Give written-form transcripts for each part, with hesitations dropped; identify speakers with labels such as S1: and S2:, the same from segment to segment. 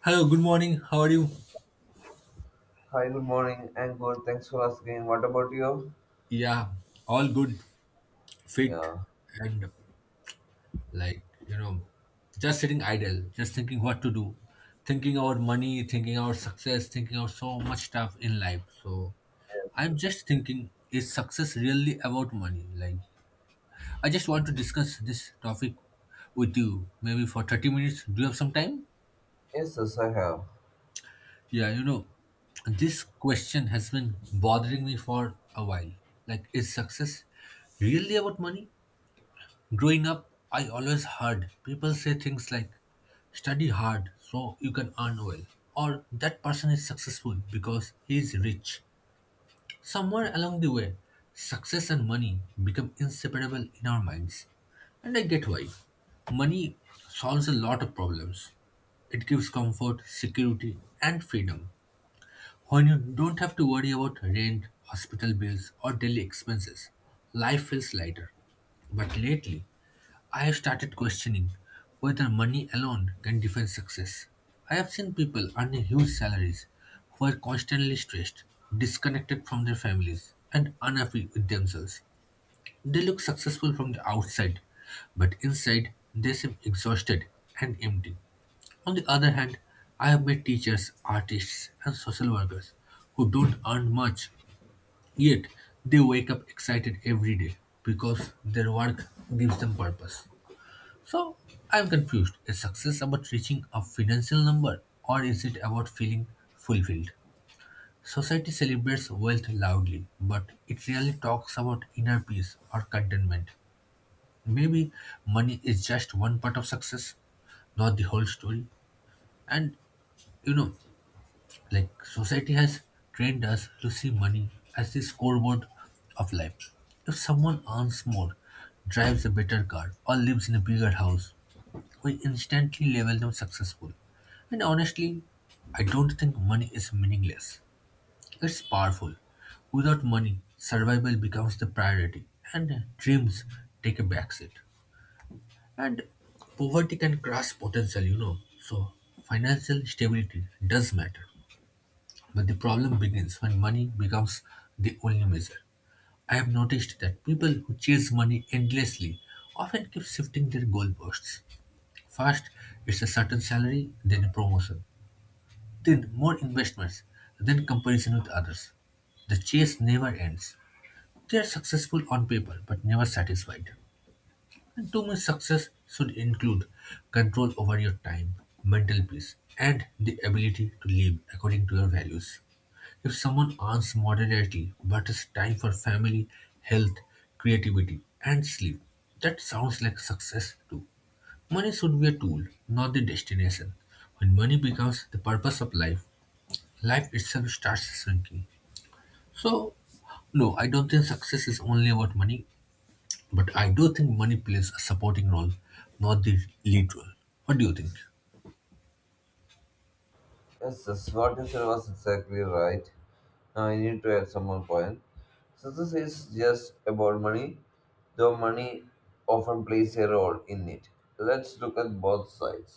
S1: Hello, good morning. How are you?
S2: Hi, good morning. And good. Thanks for asking. What about you?
S1: Yeah, all good, fit,
S2: Yeah.
S1: and like, just sitting idle, just thinking what to do, thinking about money, thinking about success, thinking about so much stuff in life. So,
S2: Yes.
S1: I'm
S2: Yes,
S1: just thinking, is success really about money? Like, I just want to discuss this topic with you, maybe for 30 minutes. Do you have some time?
S2: yes, yes, I have.
S1: Yeah, this question has been bothering me for a while. Like, is success really about money? Growing up, I always heard people say things like, study hard so you can earn well, or that person is successful because he is rich. Somewhere along the way, success and money become inseparable in our minds. And I get why. Money solves a lot of problems. It gives comfort, security, and freedom. When you don't have to worry about rent, hospital bills, or daily expenses, life feels lighter. But lately, I have started questioning whether money alone can define success. I have seen people earning huge salaries who are constantly stressed, disconnected from their families, and unhappy with themselves. They look successful from the outside, but inside they seem exhausted and empty. On the other hand, I have met teachers, artists, and social workers who don't earn much, yet they wake up excited every day because their work gives them purpose. So I'm confused. Is success about reaching a financial number or is it about feeling fulfilled? Society celebrates wealth loudly, but it rarely talks about inner peace or contentment. Maybe money is just one part of success, not the whole story. And you know, like society has trained us to see money as the scoreboard of life. If someone earns more, drives a better car, or lives in a bigger house, we instantly label them successful. And honestly, I don't think money is meaningless. It's powerful. Without money, survival becomes the priority, and dreams take a backseat. And poverty can crush potential. So, financial stability does matter. But the problem begins when money becomes the only measure. I have noticed that people who chase money endlessly often keep shifting their goalposts. First, it's a certain salary, then a promotion, then more investments, then comparison with others. The chase never ends. They are successful on paper but never satisfied. And to me, success should include control over your time, mental peace, and the ability to live according to your values. If someone earns moderately but has time for family, health, creativity, and sleep, that sounds like success too. Money should be a tool, not the destination. When money becomes the purpose of life, life itself starts shrinking. So, no, I don't think success is only about money, but I do think money plays a supporting role, not the lead role. What do you think?
S2: Yes, yes. What you said was exactly right. Now I need to add some more point. Success is just about money, though money often plays a role in it. Let's look at both sides.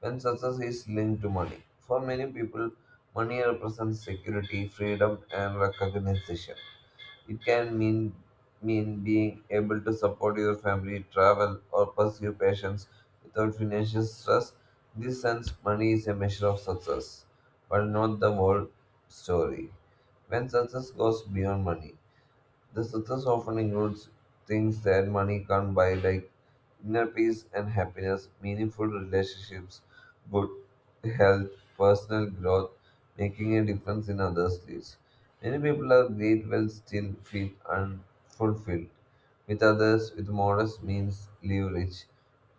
S2: When success is linked to money, for many people, money represents security, freedom, and recognition. It can mean being able to support your family, travel, or pursue passions without financial stress. In this sense, money is a measure of success, but not the whole story. When success goes beyond money, the success often includes things that money can't buy, like inner peace and happiness, meaningful relationships, good health, personal growth, making a difference in others' lives. Many people are great while still feel unfulfilled, with others with modest means live rich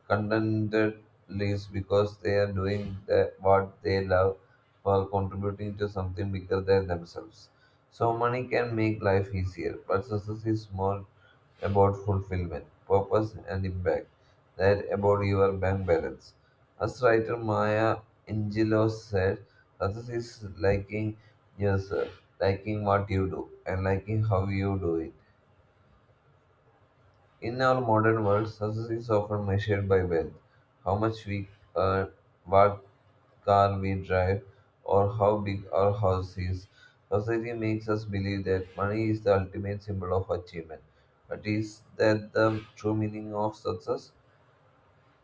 S2: condemn the least because they are doing what they love while contributing to something bigger than themselves. So money can make life easier, but success is more about fulfillment, purpose, and impact than about your bank balance. As writer Maya Angelou said, success is liking yourself, liking what you do, and liking how you do it. In our modern world, success is often measured by wealth, how much we earn, what car we drive, or how big our house is. Society makes us believe that money is the ultimate symbol of achievement. But is that the true meaning of success?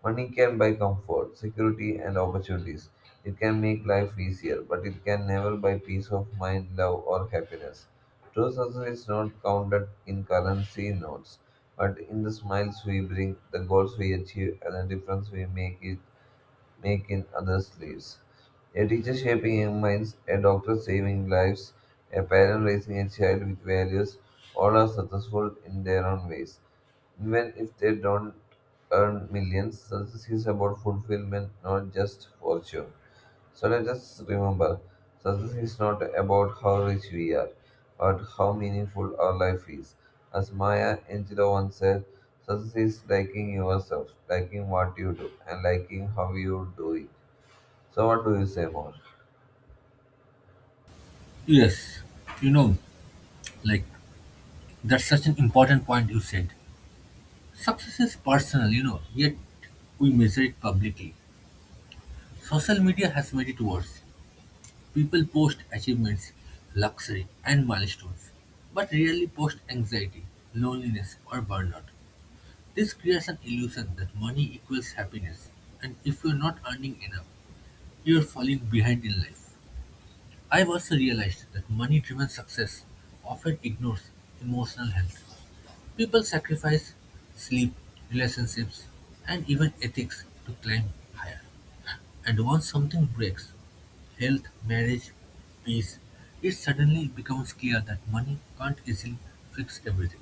S2: Money can buy comfort, security, and opportunities. It can make life easier, but it can never buy peace of mind, love, or happiness. True success is not counted in currency notes, but in the smiles we bring, the goals we achieve, and the difference we make in others' lives. A teacher shaping young minds, a doctor saving lives, a parent raising a child with values, all are successful in their own ways. Even if they don't earn millions, success is about fulfillment, not just fortune. So let us remember success is not about how rich we are, but how meaningful our life is. As Maya Angelou once said, success is liking yourself, liking what you do, and liking how you do it. So, what do you say more?
S1: Yes, you know, like that's such an important point you said. Success is personal, yet we measure it publicly. Social media has made it worse. People post achievements, luxury, and milestones, but rarely post anxiety, loneliness, or burnout. This creates an illusion that money equals happiness, and if you're not earning enough, you're falling behind in life. I've also realized that money driven success often ignores emotional health. People sacrifice sleep, relationships, and even ethics to climb higher. And once something breaks health, marriage, peace it suddenly becomes clear that money can't easily fix everything.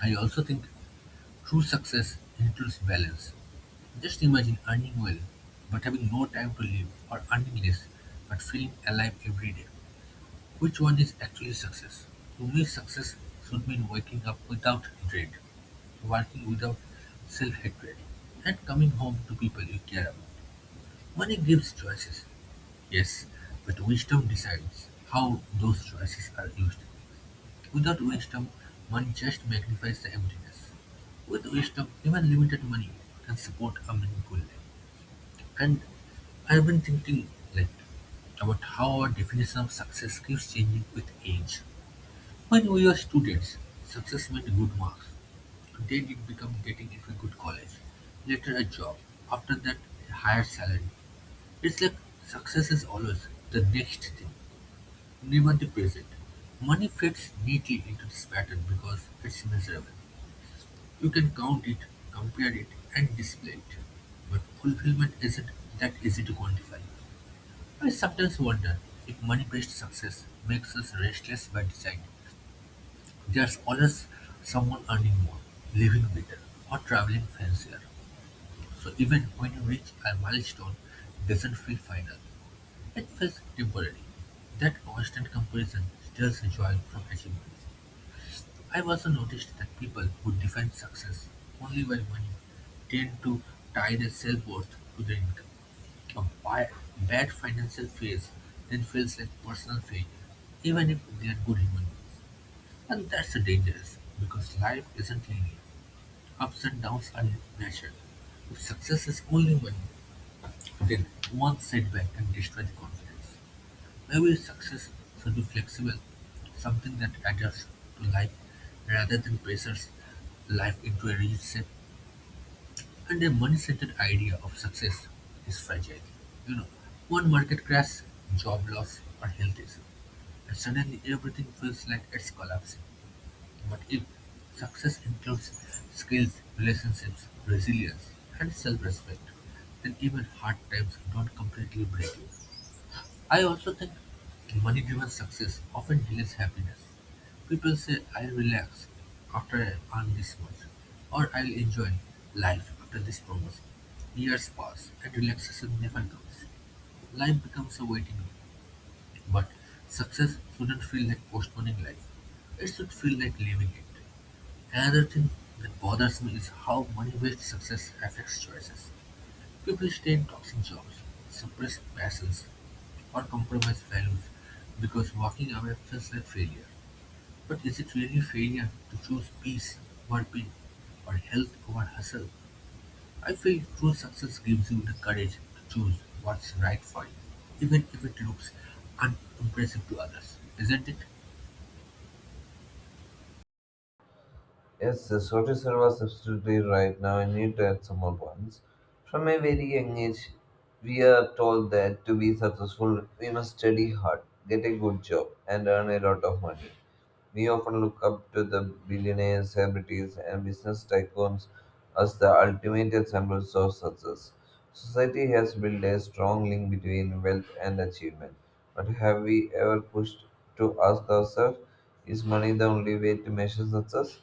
S1: I also think true success includes balance. Just imagine earning well but having no time to live, or earning less but feeling alive every day. Which one is actually success? To me success should mean waking up without dread, working without self-hatred, and coming home to people you care about. Money gives choices, yes, but wisdom decides how those choices are used. Without wisdom, money just magnifies the emptiness. With wisdom, even limited money can support a meaningful life. And I've been thinking like about how our definition of success keeps changing with age. When we were students, success meant good marks. Then it became getting into a good college, later a job, after that a higher salary. It's like success is always the next thing, never the present. Money fits neatly into this pattern because it's measurable. You can count it, compare it, and display it. But fulfillment isn't that easy to quantify. I sometimes wonder if money-based success makes us restless by design. There's always someone earning more, living better, or traveling fancier, so even when you reach a milestone it doesn't feel final. It feels temporary. That constant comparison steals joy from achievements. I've also noticed that people who define success only by money tend to tie their self-worth to their income. A bad financial phase then feels like personal failure, even if they are good human, and that's dangerous, because life isn't linear. Ups and downs are natural. If success is only one, then one setback can destroy the confidence. Maybe success should be flexible, something that adjusts to life rather than pressures life into a rigid set. And a money-centered idea of success is fragile. You know, One market crash, job loss, or health issue, and suddenly everything feels like it's collapsing. But if success includes skills, relationships, resilience, and self-respect, then even hard times don't completely break you. I also think money-driven success often delays happiness. People say, I'll relax after I earn this much, or I'll enjoy life after this promotion. Years pass and relaxation never comes. Life becomes a waiting game. But success shouldn't feel like postponing life. It should feel like living it. Another thing that bothers me is how money-based success affects choices. People stay in toxic jobs, suppress passions, or compromise values because walking away feels like failure. But is it really failure to choose peace over pain or health over hustle? I feel true success gives you the courage to choose what's right for you, even if it looks unimpressive to others, isn't it?
S2: Yes, the social was absolutely right now. I need to add some more points. From a very young age, we are told that to be successful, we must study hard, get a good job, and earn a lot of money. We often look up to the billionaires, celebrities, and business tycoons as the ultimate examples of success. Society has built a strong link between wealth and achievement. But have we ever pushed to ask ourselves, is money the only way to measure success?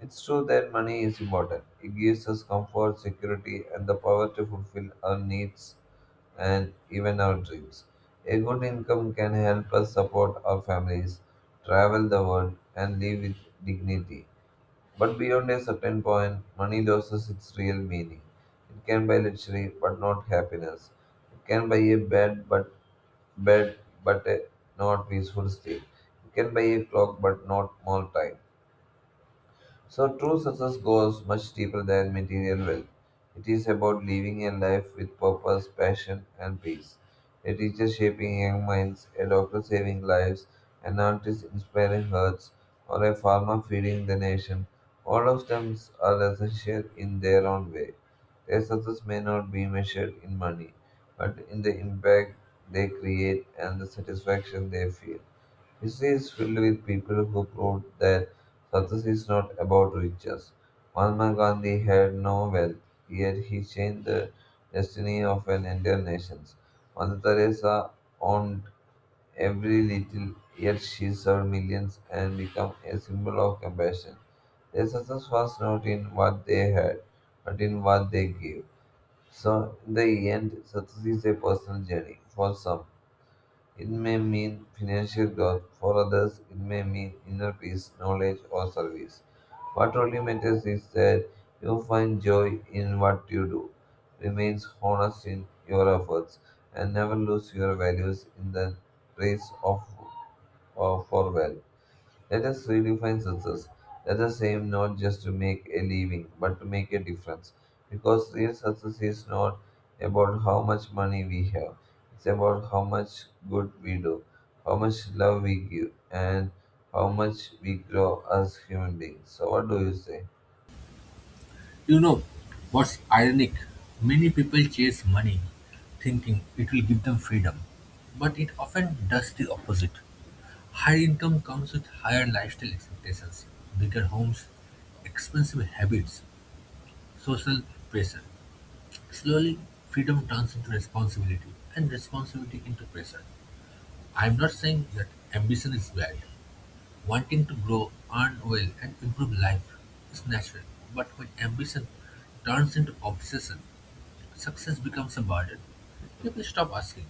S2: It's true that money is important. It gives us comfort, security, and the power to fulfill our needs and even our dreams. A good income can help us support our families, travel the world, and live with dignity. But beyond a certain point, money loses its real meaning. It can buy luxury, but not happiness. It can buy a bed, but a not peaceful sleep. It can buy a clock, but not more time. So, true success goes much deeper than material wealth. It is about living a life with purpose, passion, and peace. A teacher shaping young minds, a doctor saving lives, an artist inspiring hearts, or a farmer feeding the nation. All of them are essential in their own way. Their success may not be measured in money, but in the impact they create and the satisfaction they feel. History is filled with people who proved that success is not about riches. Mahatma Gandhi had no wealth, yet he changed the destiny of an entire nation. Mother Teresa owned every little, yet she served millions and became a symbol of compassion. Their success was not in what they had, but in what they gave. So, in the end, success is a personal journey for some it may mean financial growth; for others, it may mean inner peace, knowledge, or service. What truly matters is that you find joy in what you do, remains honest in your efforts, and never lose your values in the race of for wealth. Let us redefine success. Let us aim not just to make a living, but to make a difference. Because real success is not about how much money we have, it's about how much good we do, how much love we give, and how much we grow as human beings. So, what do you say?
S1: You know what's ironic? Many people chase money thinking it will give them freedom, but it often does the opposite. Higher income comes with higher lifestyle expectations, bigger homes, expensive habits, social pressure. Slowly, freedom turns into responsibility and responsibility into pressure. I'm not saying that ambition is bad. Wanting to grow, earn well, and improve life is natural, but when ambition turns into obsession, success becomes a burden. People stop asking,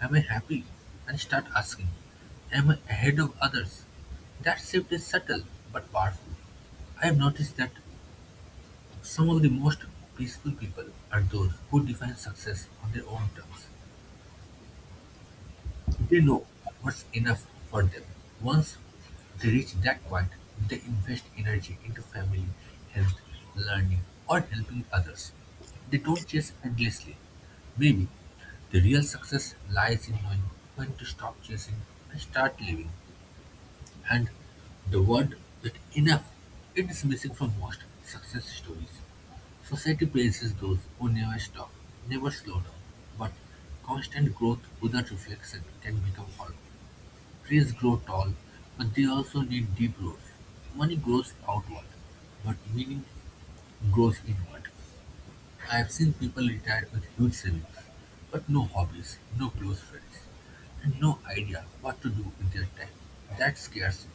S1: am I happy? And start asking, am I ahead of others? That shift is subtle but powerful. I have noticed that some of the most peaceful people are those who define success on their own terms. They know what's enough for them. Once they reach that point, they invest energy into family, health, learning, or helping others. They don't chase endlessly. Maybe the real success lies in knowing when to stop chasing and start living. And the word that "enough" it is missing from most success stories. Society praises those who never stop, never slow down. But constant growth without reflection can become hollow. Trees grow tall, but they also need deep roots. Money grows outward, but meaning grows inward. I've seen people retired with huge savings, but no hobbies, no close friends, and no idea what to do with their time. That scares me.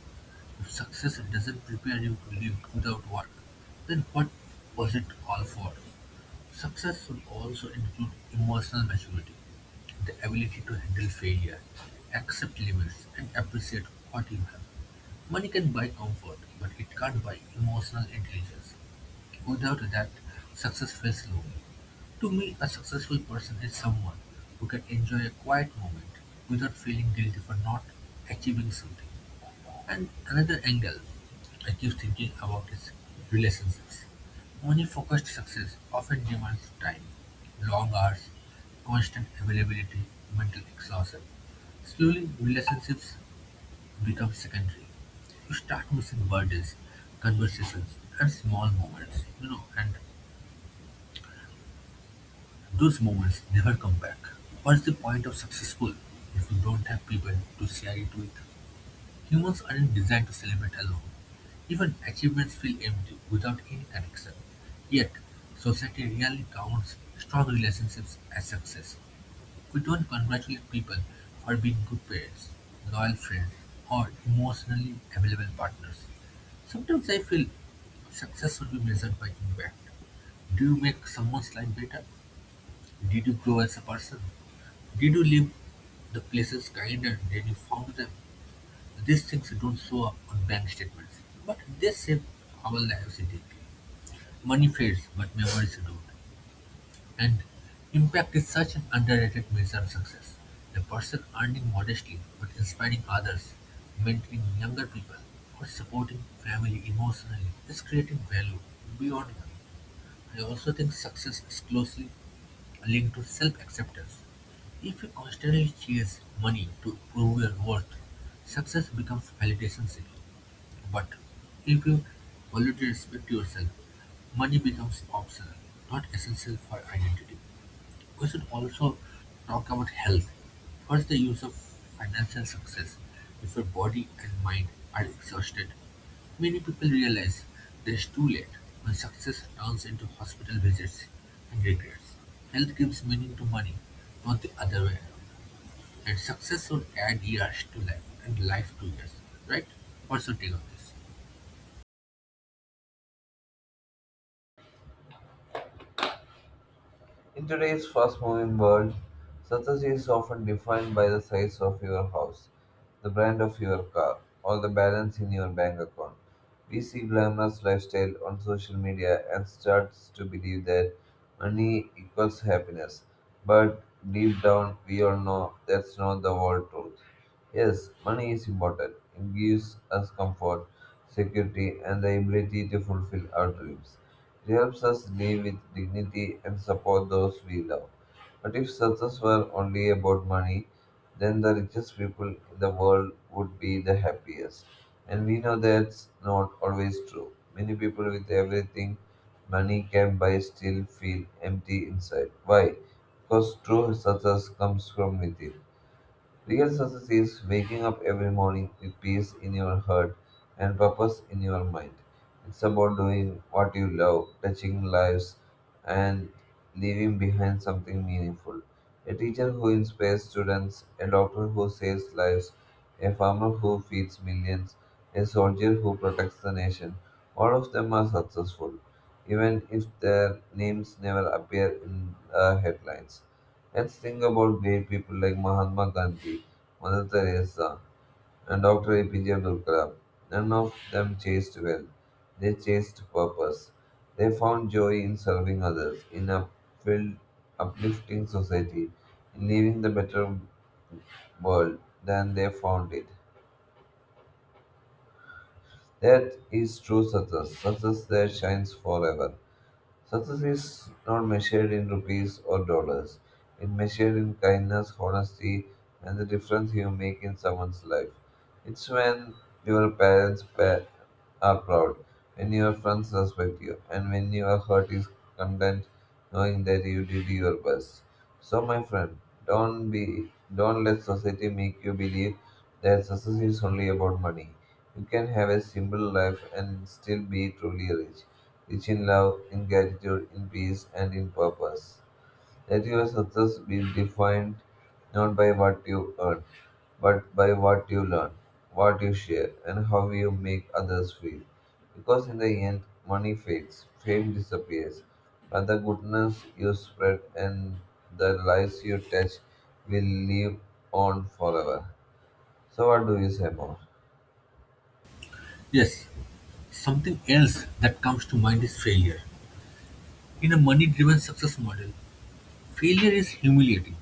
S1: If success doesn't prepare you to live without work, then what was it all for? Success should also include emotional maturity, the ability to handle failure, accept limits, and appreciate what you have. Money can buy comfort, but it can't buy emotional intelligence. Without that, success feels low. To me, a successful person is someone who can enjoy a quiet moment without feeling guilty for not achieving something. And another angle I keep thinking about is relationships. Money focused success often demands time, long hours, constant availability, mental exhaustion. Slowly, relationships become secondary. You start missing birthdays, conversations, and small moments, and those moments never come back. What's the point of successful if you don't have people to share it with? Humans aren't designed to celebrate alone. Even achievements feel empty without any connection. Yet, society rarely counts strong relationships as success. We don't congratulate people for being good parents, loyal friends, or emotionally available partners. Sometimes I feel success should be measured by impact. Do you make someone's life better? Did you grow as a person? Did you leave the places kinder than you found them? These things don't show up on bank statements, but they shape our lives deeply. Money fades, but memories don't. And impact is such an underrated measure of success. A person earning modestly but inspiring others, mentoring younger people, or supporting family emotionally is creating value beyond money. I also think success is closely linked to self acceptance. If you constantly chase money to prove your worth, success becomes validation seeking. But if you already respect yourself, money becomes optional, not essential for identity. We should also talk about health. What's the use of financial success if your body and mind are exhausted? Many people realize it's too late when success turns into hospital visits and regrets. Health gives meaning to money, not the other way around. And success should add years to life and life to years, right? What's your take on this?
S2: In today's fast moving world, success is often defined by the size of your house, the brand of your car, or the balance in your bank account. We see glamorous lifestyle on social media and starts to believe that money equals happiness. But deep down we all know that's not the whole truth. Yes, money is important. It gives us comfort, security and the ability to fulfill our dreams. It helps us live with dignity and support those we love. But if success were only about money, then the richest people in the world would be the happiest. And we know that's not always true. Many people with everything money can buy still feel empty inside. Why? Because true success comes from within. Real success is waking up every morning with peace in your heart and purpose in your mind. It's about doing what you love, touching lives, and leaving behind something meaningful. A teacher who inspires students, a doctor who saves lives, a farmer who feeds millions, a soldier who protects the nation. All of them are successful, even if their names never appear in the headlines. Let's think about great people like Mahatma Gandhi, Mother Teresa, and Dr. APJ Abdul Kalam. None of them chased wealth, they chased purpose. They found joy in serving others, in uplifting society, in leaving the better world than they found it. That is true success, success that shines forever. Success is not measured in rupees or dollars. It measured in kindness, honesty, and the difference you make in someone's life. It's when your are proud, when your friends respect you, and when your heart is content knowing that you did your best. So, my friend, don't let society make you believe that success is only about money. You can have a simple life and still be truly rich, rich in love, in gratitude, in peace, and in purpose. Let your success be defined not by what you earn, but by what you learn, what you share, and how you make others feel. Because in the end, money fades, fame disappears, but the goodness you spread and the lives you touch will live on forever. So, what do you say more?
S1: Yes, something else that comes to mind is failure. In a money driven success model, failure is humiliating.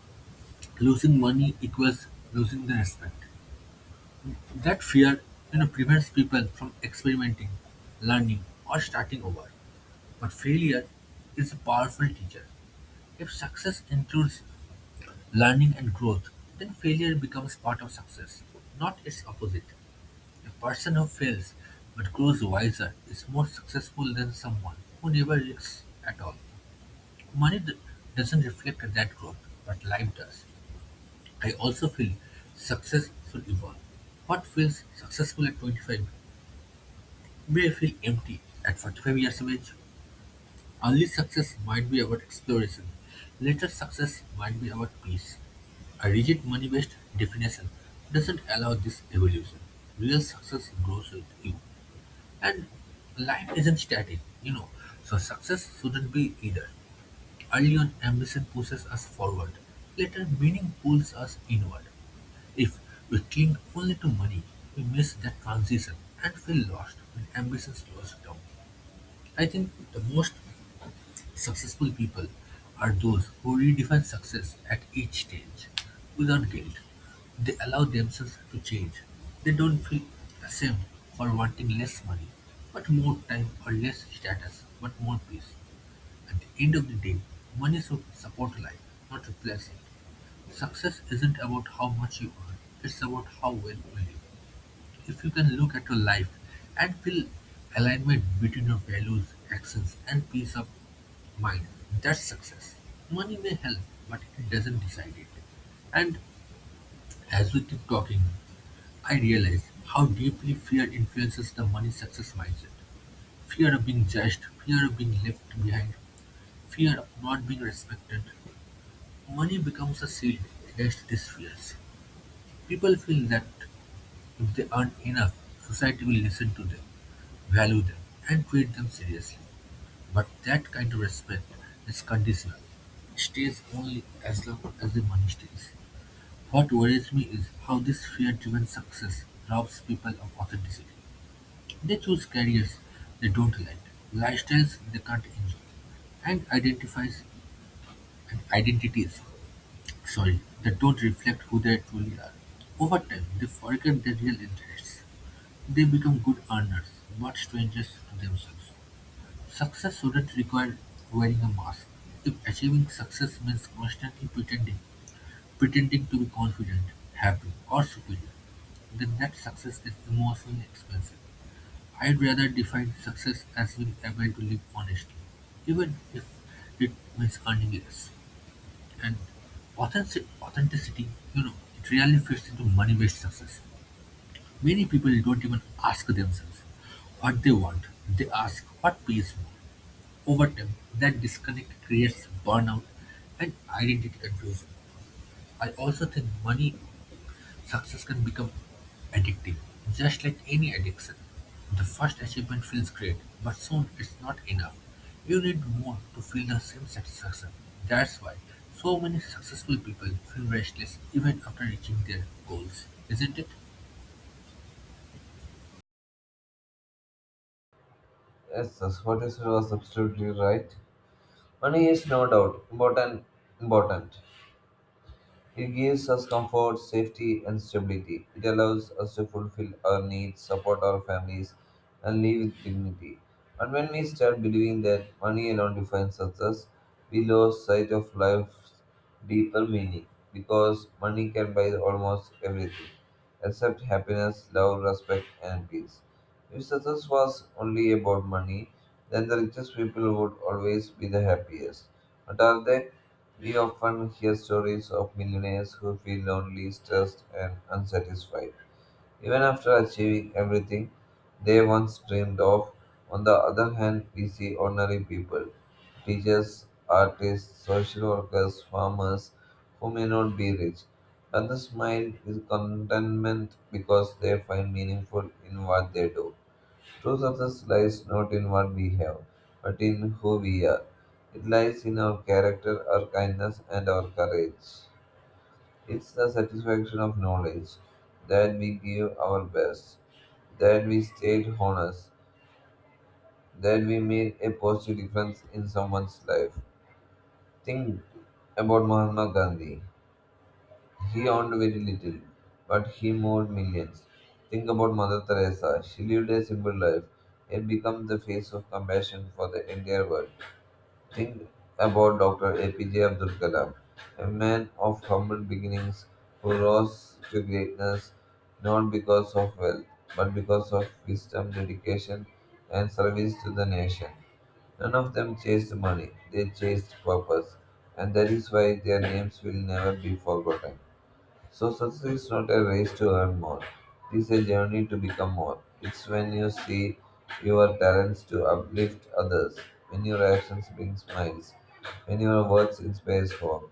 S1: Losing money equals losing the respect. That fear, prevents people from experimenting, learning, or starting over. But failure is a powerful teacher. If success includes learning and growth, then failure becomes part of success, not its opposite. A person who fails but grows wiser is more successful than someone who never risks at all. Money d- doesn't reflect that growth, but life does. I also feel success should evolve. What feels successful at 25 may feel empty at 45 years of age. Early success might be about exploration. Later success might be about peace. A rigid money-based definition doesn't allow this evolution. Real success grows with you. And life isn't static, you know. So success shouldn't be either. Early on, ambition pushes us forward. Later, meaning pulls us inward. If we cling only to money, we miss that transition and feel lost when ambition slows down. I think the most successful people are those who redefine success at each stage without guilt. They allow themselves to change. They don't feel ashamed for wanting less money, but more time or less status, but more peace. At the end of the day, money should support life, not replace it. Success isn't about how much you earn, it's about how well you live. If you can look at your life and feel alignment between your values, actions, and peace of mind, that's success. Money may help, but it doesn't decide it. And as we keep talking, I realize how deeply fear influences the money success mindset. Fear of being judged, fear of being left behind, fear of not being respected, money becomes a shield against disfears. People feel that if they earn enough, society will listen to them, value them, and treat them seriously. But that kind of respect is conditional. It stays only as long as the money stays. What worries me is how this fear driven success robs people of authenticity. They choose careers they don't like, lifestyles they can't enjoy, and identifies and identities. Sorry, they don't reflect who they truly are. Over time, they forget their real interests. They become good earners, but strangers to themselves. Success shouldn't require wearing a mask. If achieving success means constantly pretending, pretending to be confident, happy, or superior, then that success is emotionally expensive. I'd rather define success as being able to live honestly, even if it means earning less. And authenticity, you know, it really fits into money-based success. Many people don't even ask themselves what they want. They ask what pays more. Over time, that disconnect creates burnout and identity confusion. I also think money success can become addictive, just like any addiction. The first achievement feels great, but soon it's not enough. You need more to feel the same satisfaction. That's why so many successful people feel restless even after reaching their goals, isn't it?
S2: Yes, that's what you said was absolutely right. Money is no doubt important. It gives us comfort, safety, and stability. It allows us to fulfill our needs, support our families, and live with dignity. But when we start believing that money alone defines success, we lose sight of life's deeper meaning because money can buy almost everything except happiness, love, respect, and peace. If success was only about money, then the richest people would always be the happiest. But are they? We often hear stories of millionaires who feel lonely, stressed, and unsatisfied, even after achieving everything they once dreamed of. On the other hand, we see ordinary people teachers, artists, social workers, farmers who may not be rich, but they smile with contentment because they find meaningful in what they do. True success lies not in what we have, but in who we are. It lies in our character, our kindness, and our courage. It's the satisfaction of knowledge that we give our best, that we stayed honest, that we made a positive difference in someone's life. Think about Mahatma Gandhi. He owned very little, but he moved millions. Think about Mother Teresa. She lived a simple life and became the face of compassion for the entire world. Think about Dr. APJ Abdul Kalam, a man of humble beginnings who rose to greatness not because of wealth, but because of wisdom, dedication, and service to the nation. None of them chased money, they chased purpose, and that is why their names will never be forgotten. So success is not a race to earn more. It is a journey to become more. It's when you see your talents to uplift others, when your actions bring smiles, when your words inspires hope,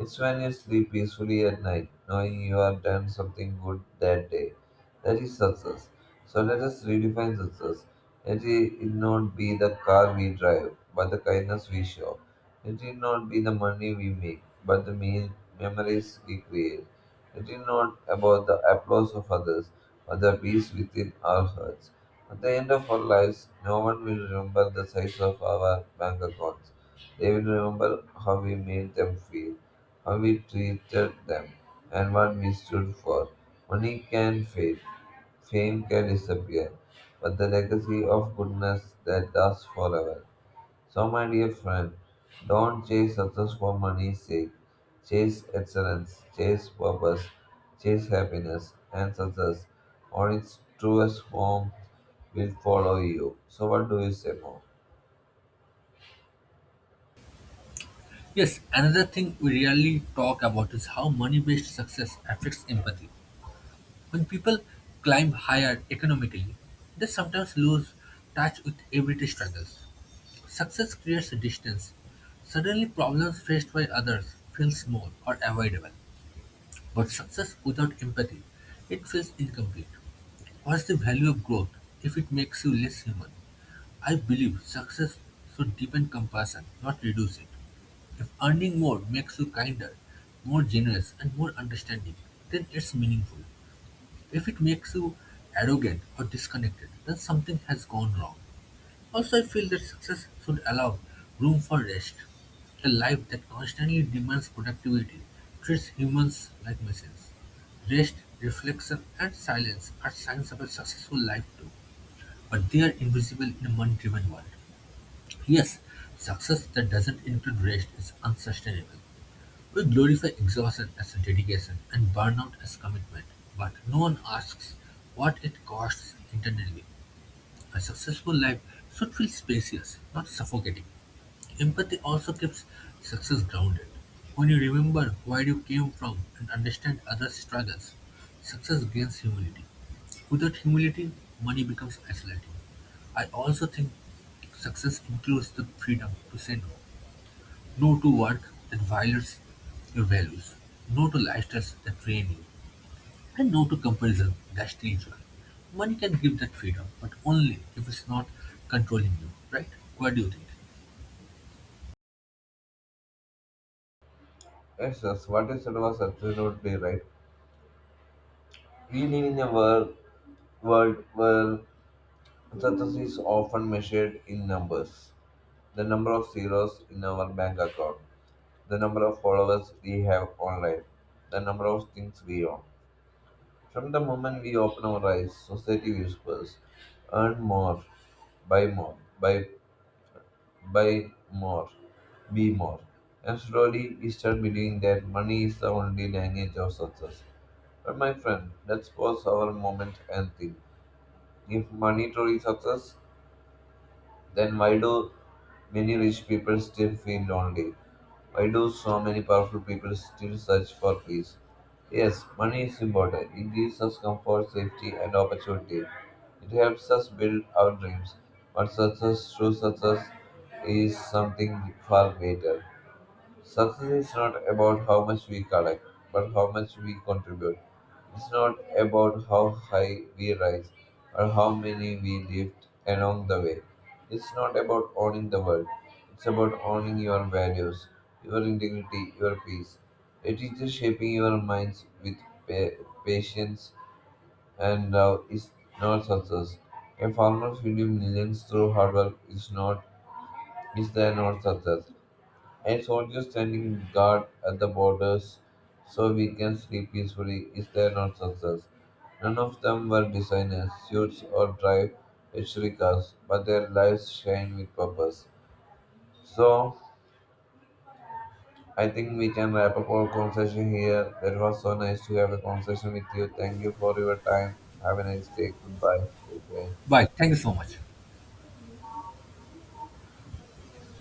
S2: it's when you sleep peacefully at night, knowing you have done something good that day. That is success. So let us redefine success. Let it not be the car we drive, but the kindness we show. Let it not be the money we make, but the mean memories we create. Let it not about the applause of others, but the peace within our hearts. At the end of our lives, no one will remember the size of our bank accounts. They will remember how we made them feel how we treated them, and what we stood for. Money can fade, fame can disappear, but the legacy of goodness that lasts forever. So, my dear friend, don't chase success for money's sake. Chase excellence, chase purpose, chase happiness, and success, or its truest form will follow you. So, what do you say more?
S1: Yes, another thing we rarely talk about is how money based success affects empathy. When people climb higher economically, they sometimes lose touch with everyday struggles. Success creates a distance. Suddenly problems faced by others feel small or avoidable. But success without empathy, it feels incomplete. What's the value of growth if it makes you less human? I believe success should deepen compassion, not reduce it. If earning more makes you kinder, more generous, and more understanding, then it's meaningful. If it makes you arrogant or disconnected, then something has gone wrong. Also, I feel that success should allow room for rest. A life that constantly demands productivity treats humans like machines. Rest, reflection, and silence are signs of a successful life too, but they are invisible in a money-driven world. Yes, success that doesn't include rest is unsustainable. We glorify exhaustion as dedication and burnout as commitment, but no one asks what it costs internally. A successful life should feel spacious, not suffocating. Empathy also keeps success grounded. When you remember where you came from and understand others' struggles, success gains humility. Without humility, money becomes isolating. I also think success includes the freedom to say no. No to work that violates your values. No to lifestyles that drain you. And no to comparison, that's dangerous. Money can give that freedom, but only if it's not controlling you, right? What do you think?
S2: Yes, yes, what you said was absolutely right. We live in a world where Success is often measured in numbers the number of zeros in our bank account, the number of followers we have online, the number of things we own. From the moment we open our eyes, society whispers earn more, buy more, buy more, be more. And slowly we start believing that money is the only language of success. But my friend, let's pause our moment and think. If money truly success, then why do many rich people still feel lonely? Why do so many powerful people still search for peace? Yes, money is important. It gives us comfort, safety, and opportunity. It helps us build our dreams. But success, true success, is something far greater. Success is not about how much we collect, but how much we contribute. It's not about how high we rise or how many we lift along the way. It's not about owning the world. It's about owning your values, your integrity, your peace. It is just shaping your minds with patience and love is not success. A farmer feeding millions through hard work is not is there not success and soldiers standing guard at the borders so we can sleep peacefully is their nonsense. None of them were designers, suits, or drive luxury cars, but their lives shine with purpose. So, I think we can wrap up our conversation here. That was so nice to have a conversation with you. Thank you for your time. Have a nice day. Goodbye. Take care.
S1: Bye. Thank you so much.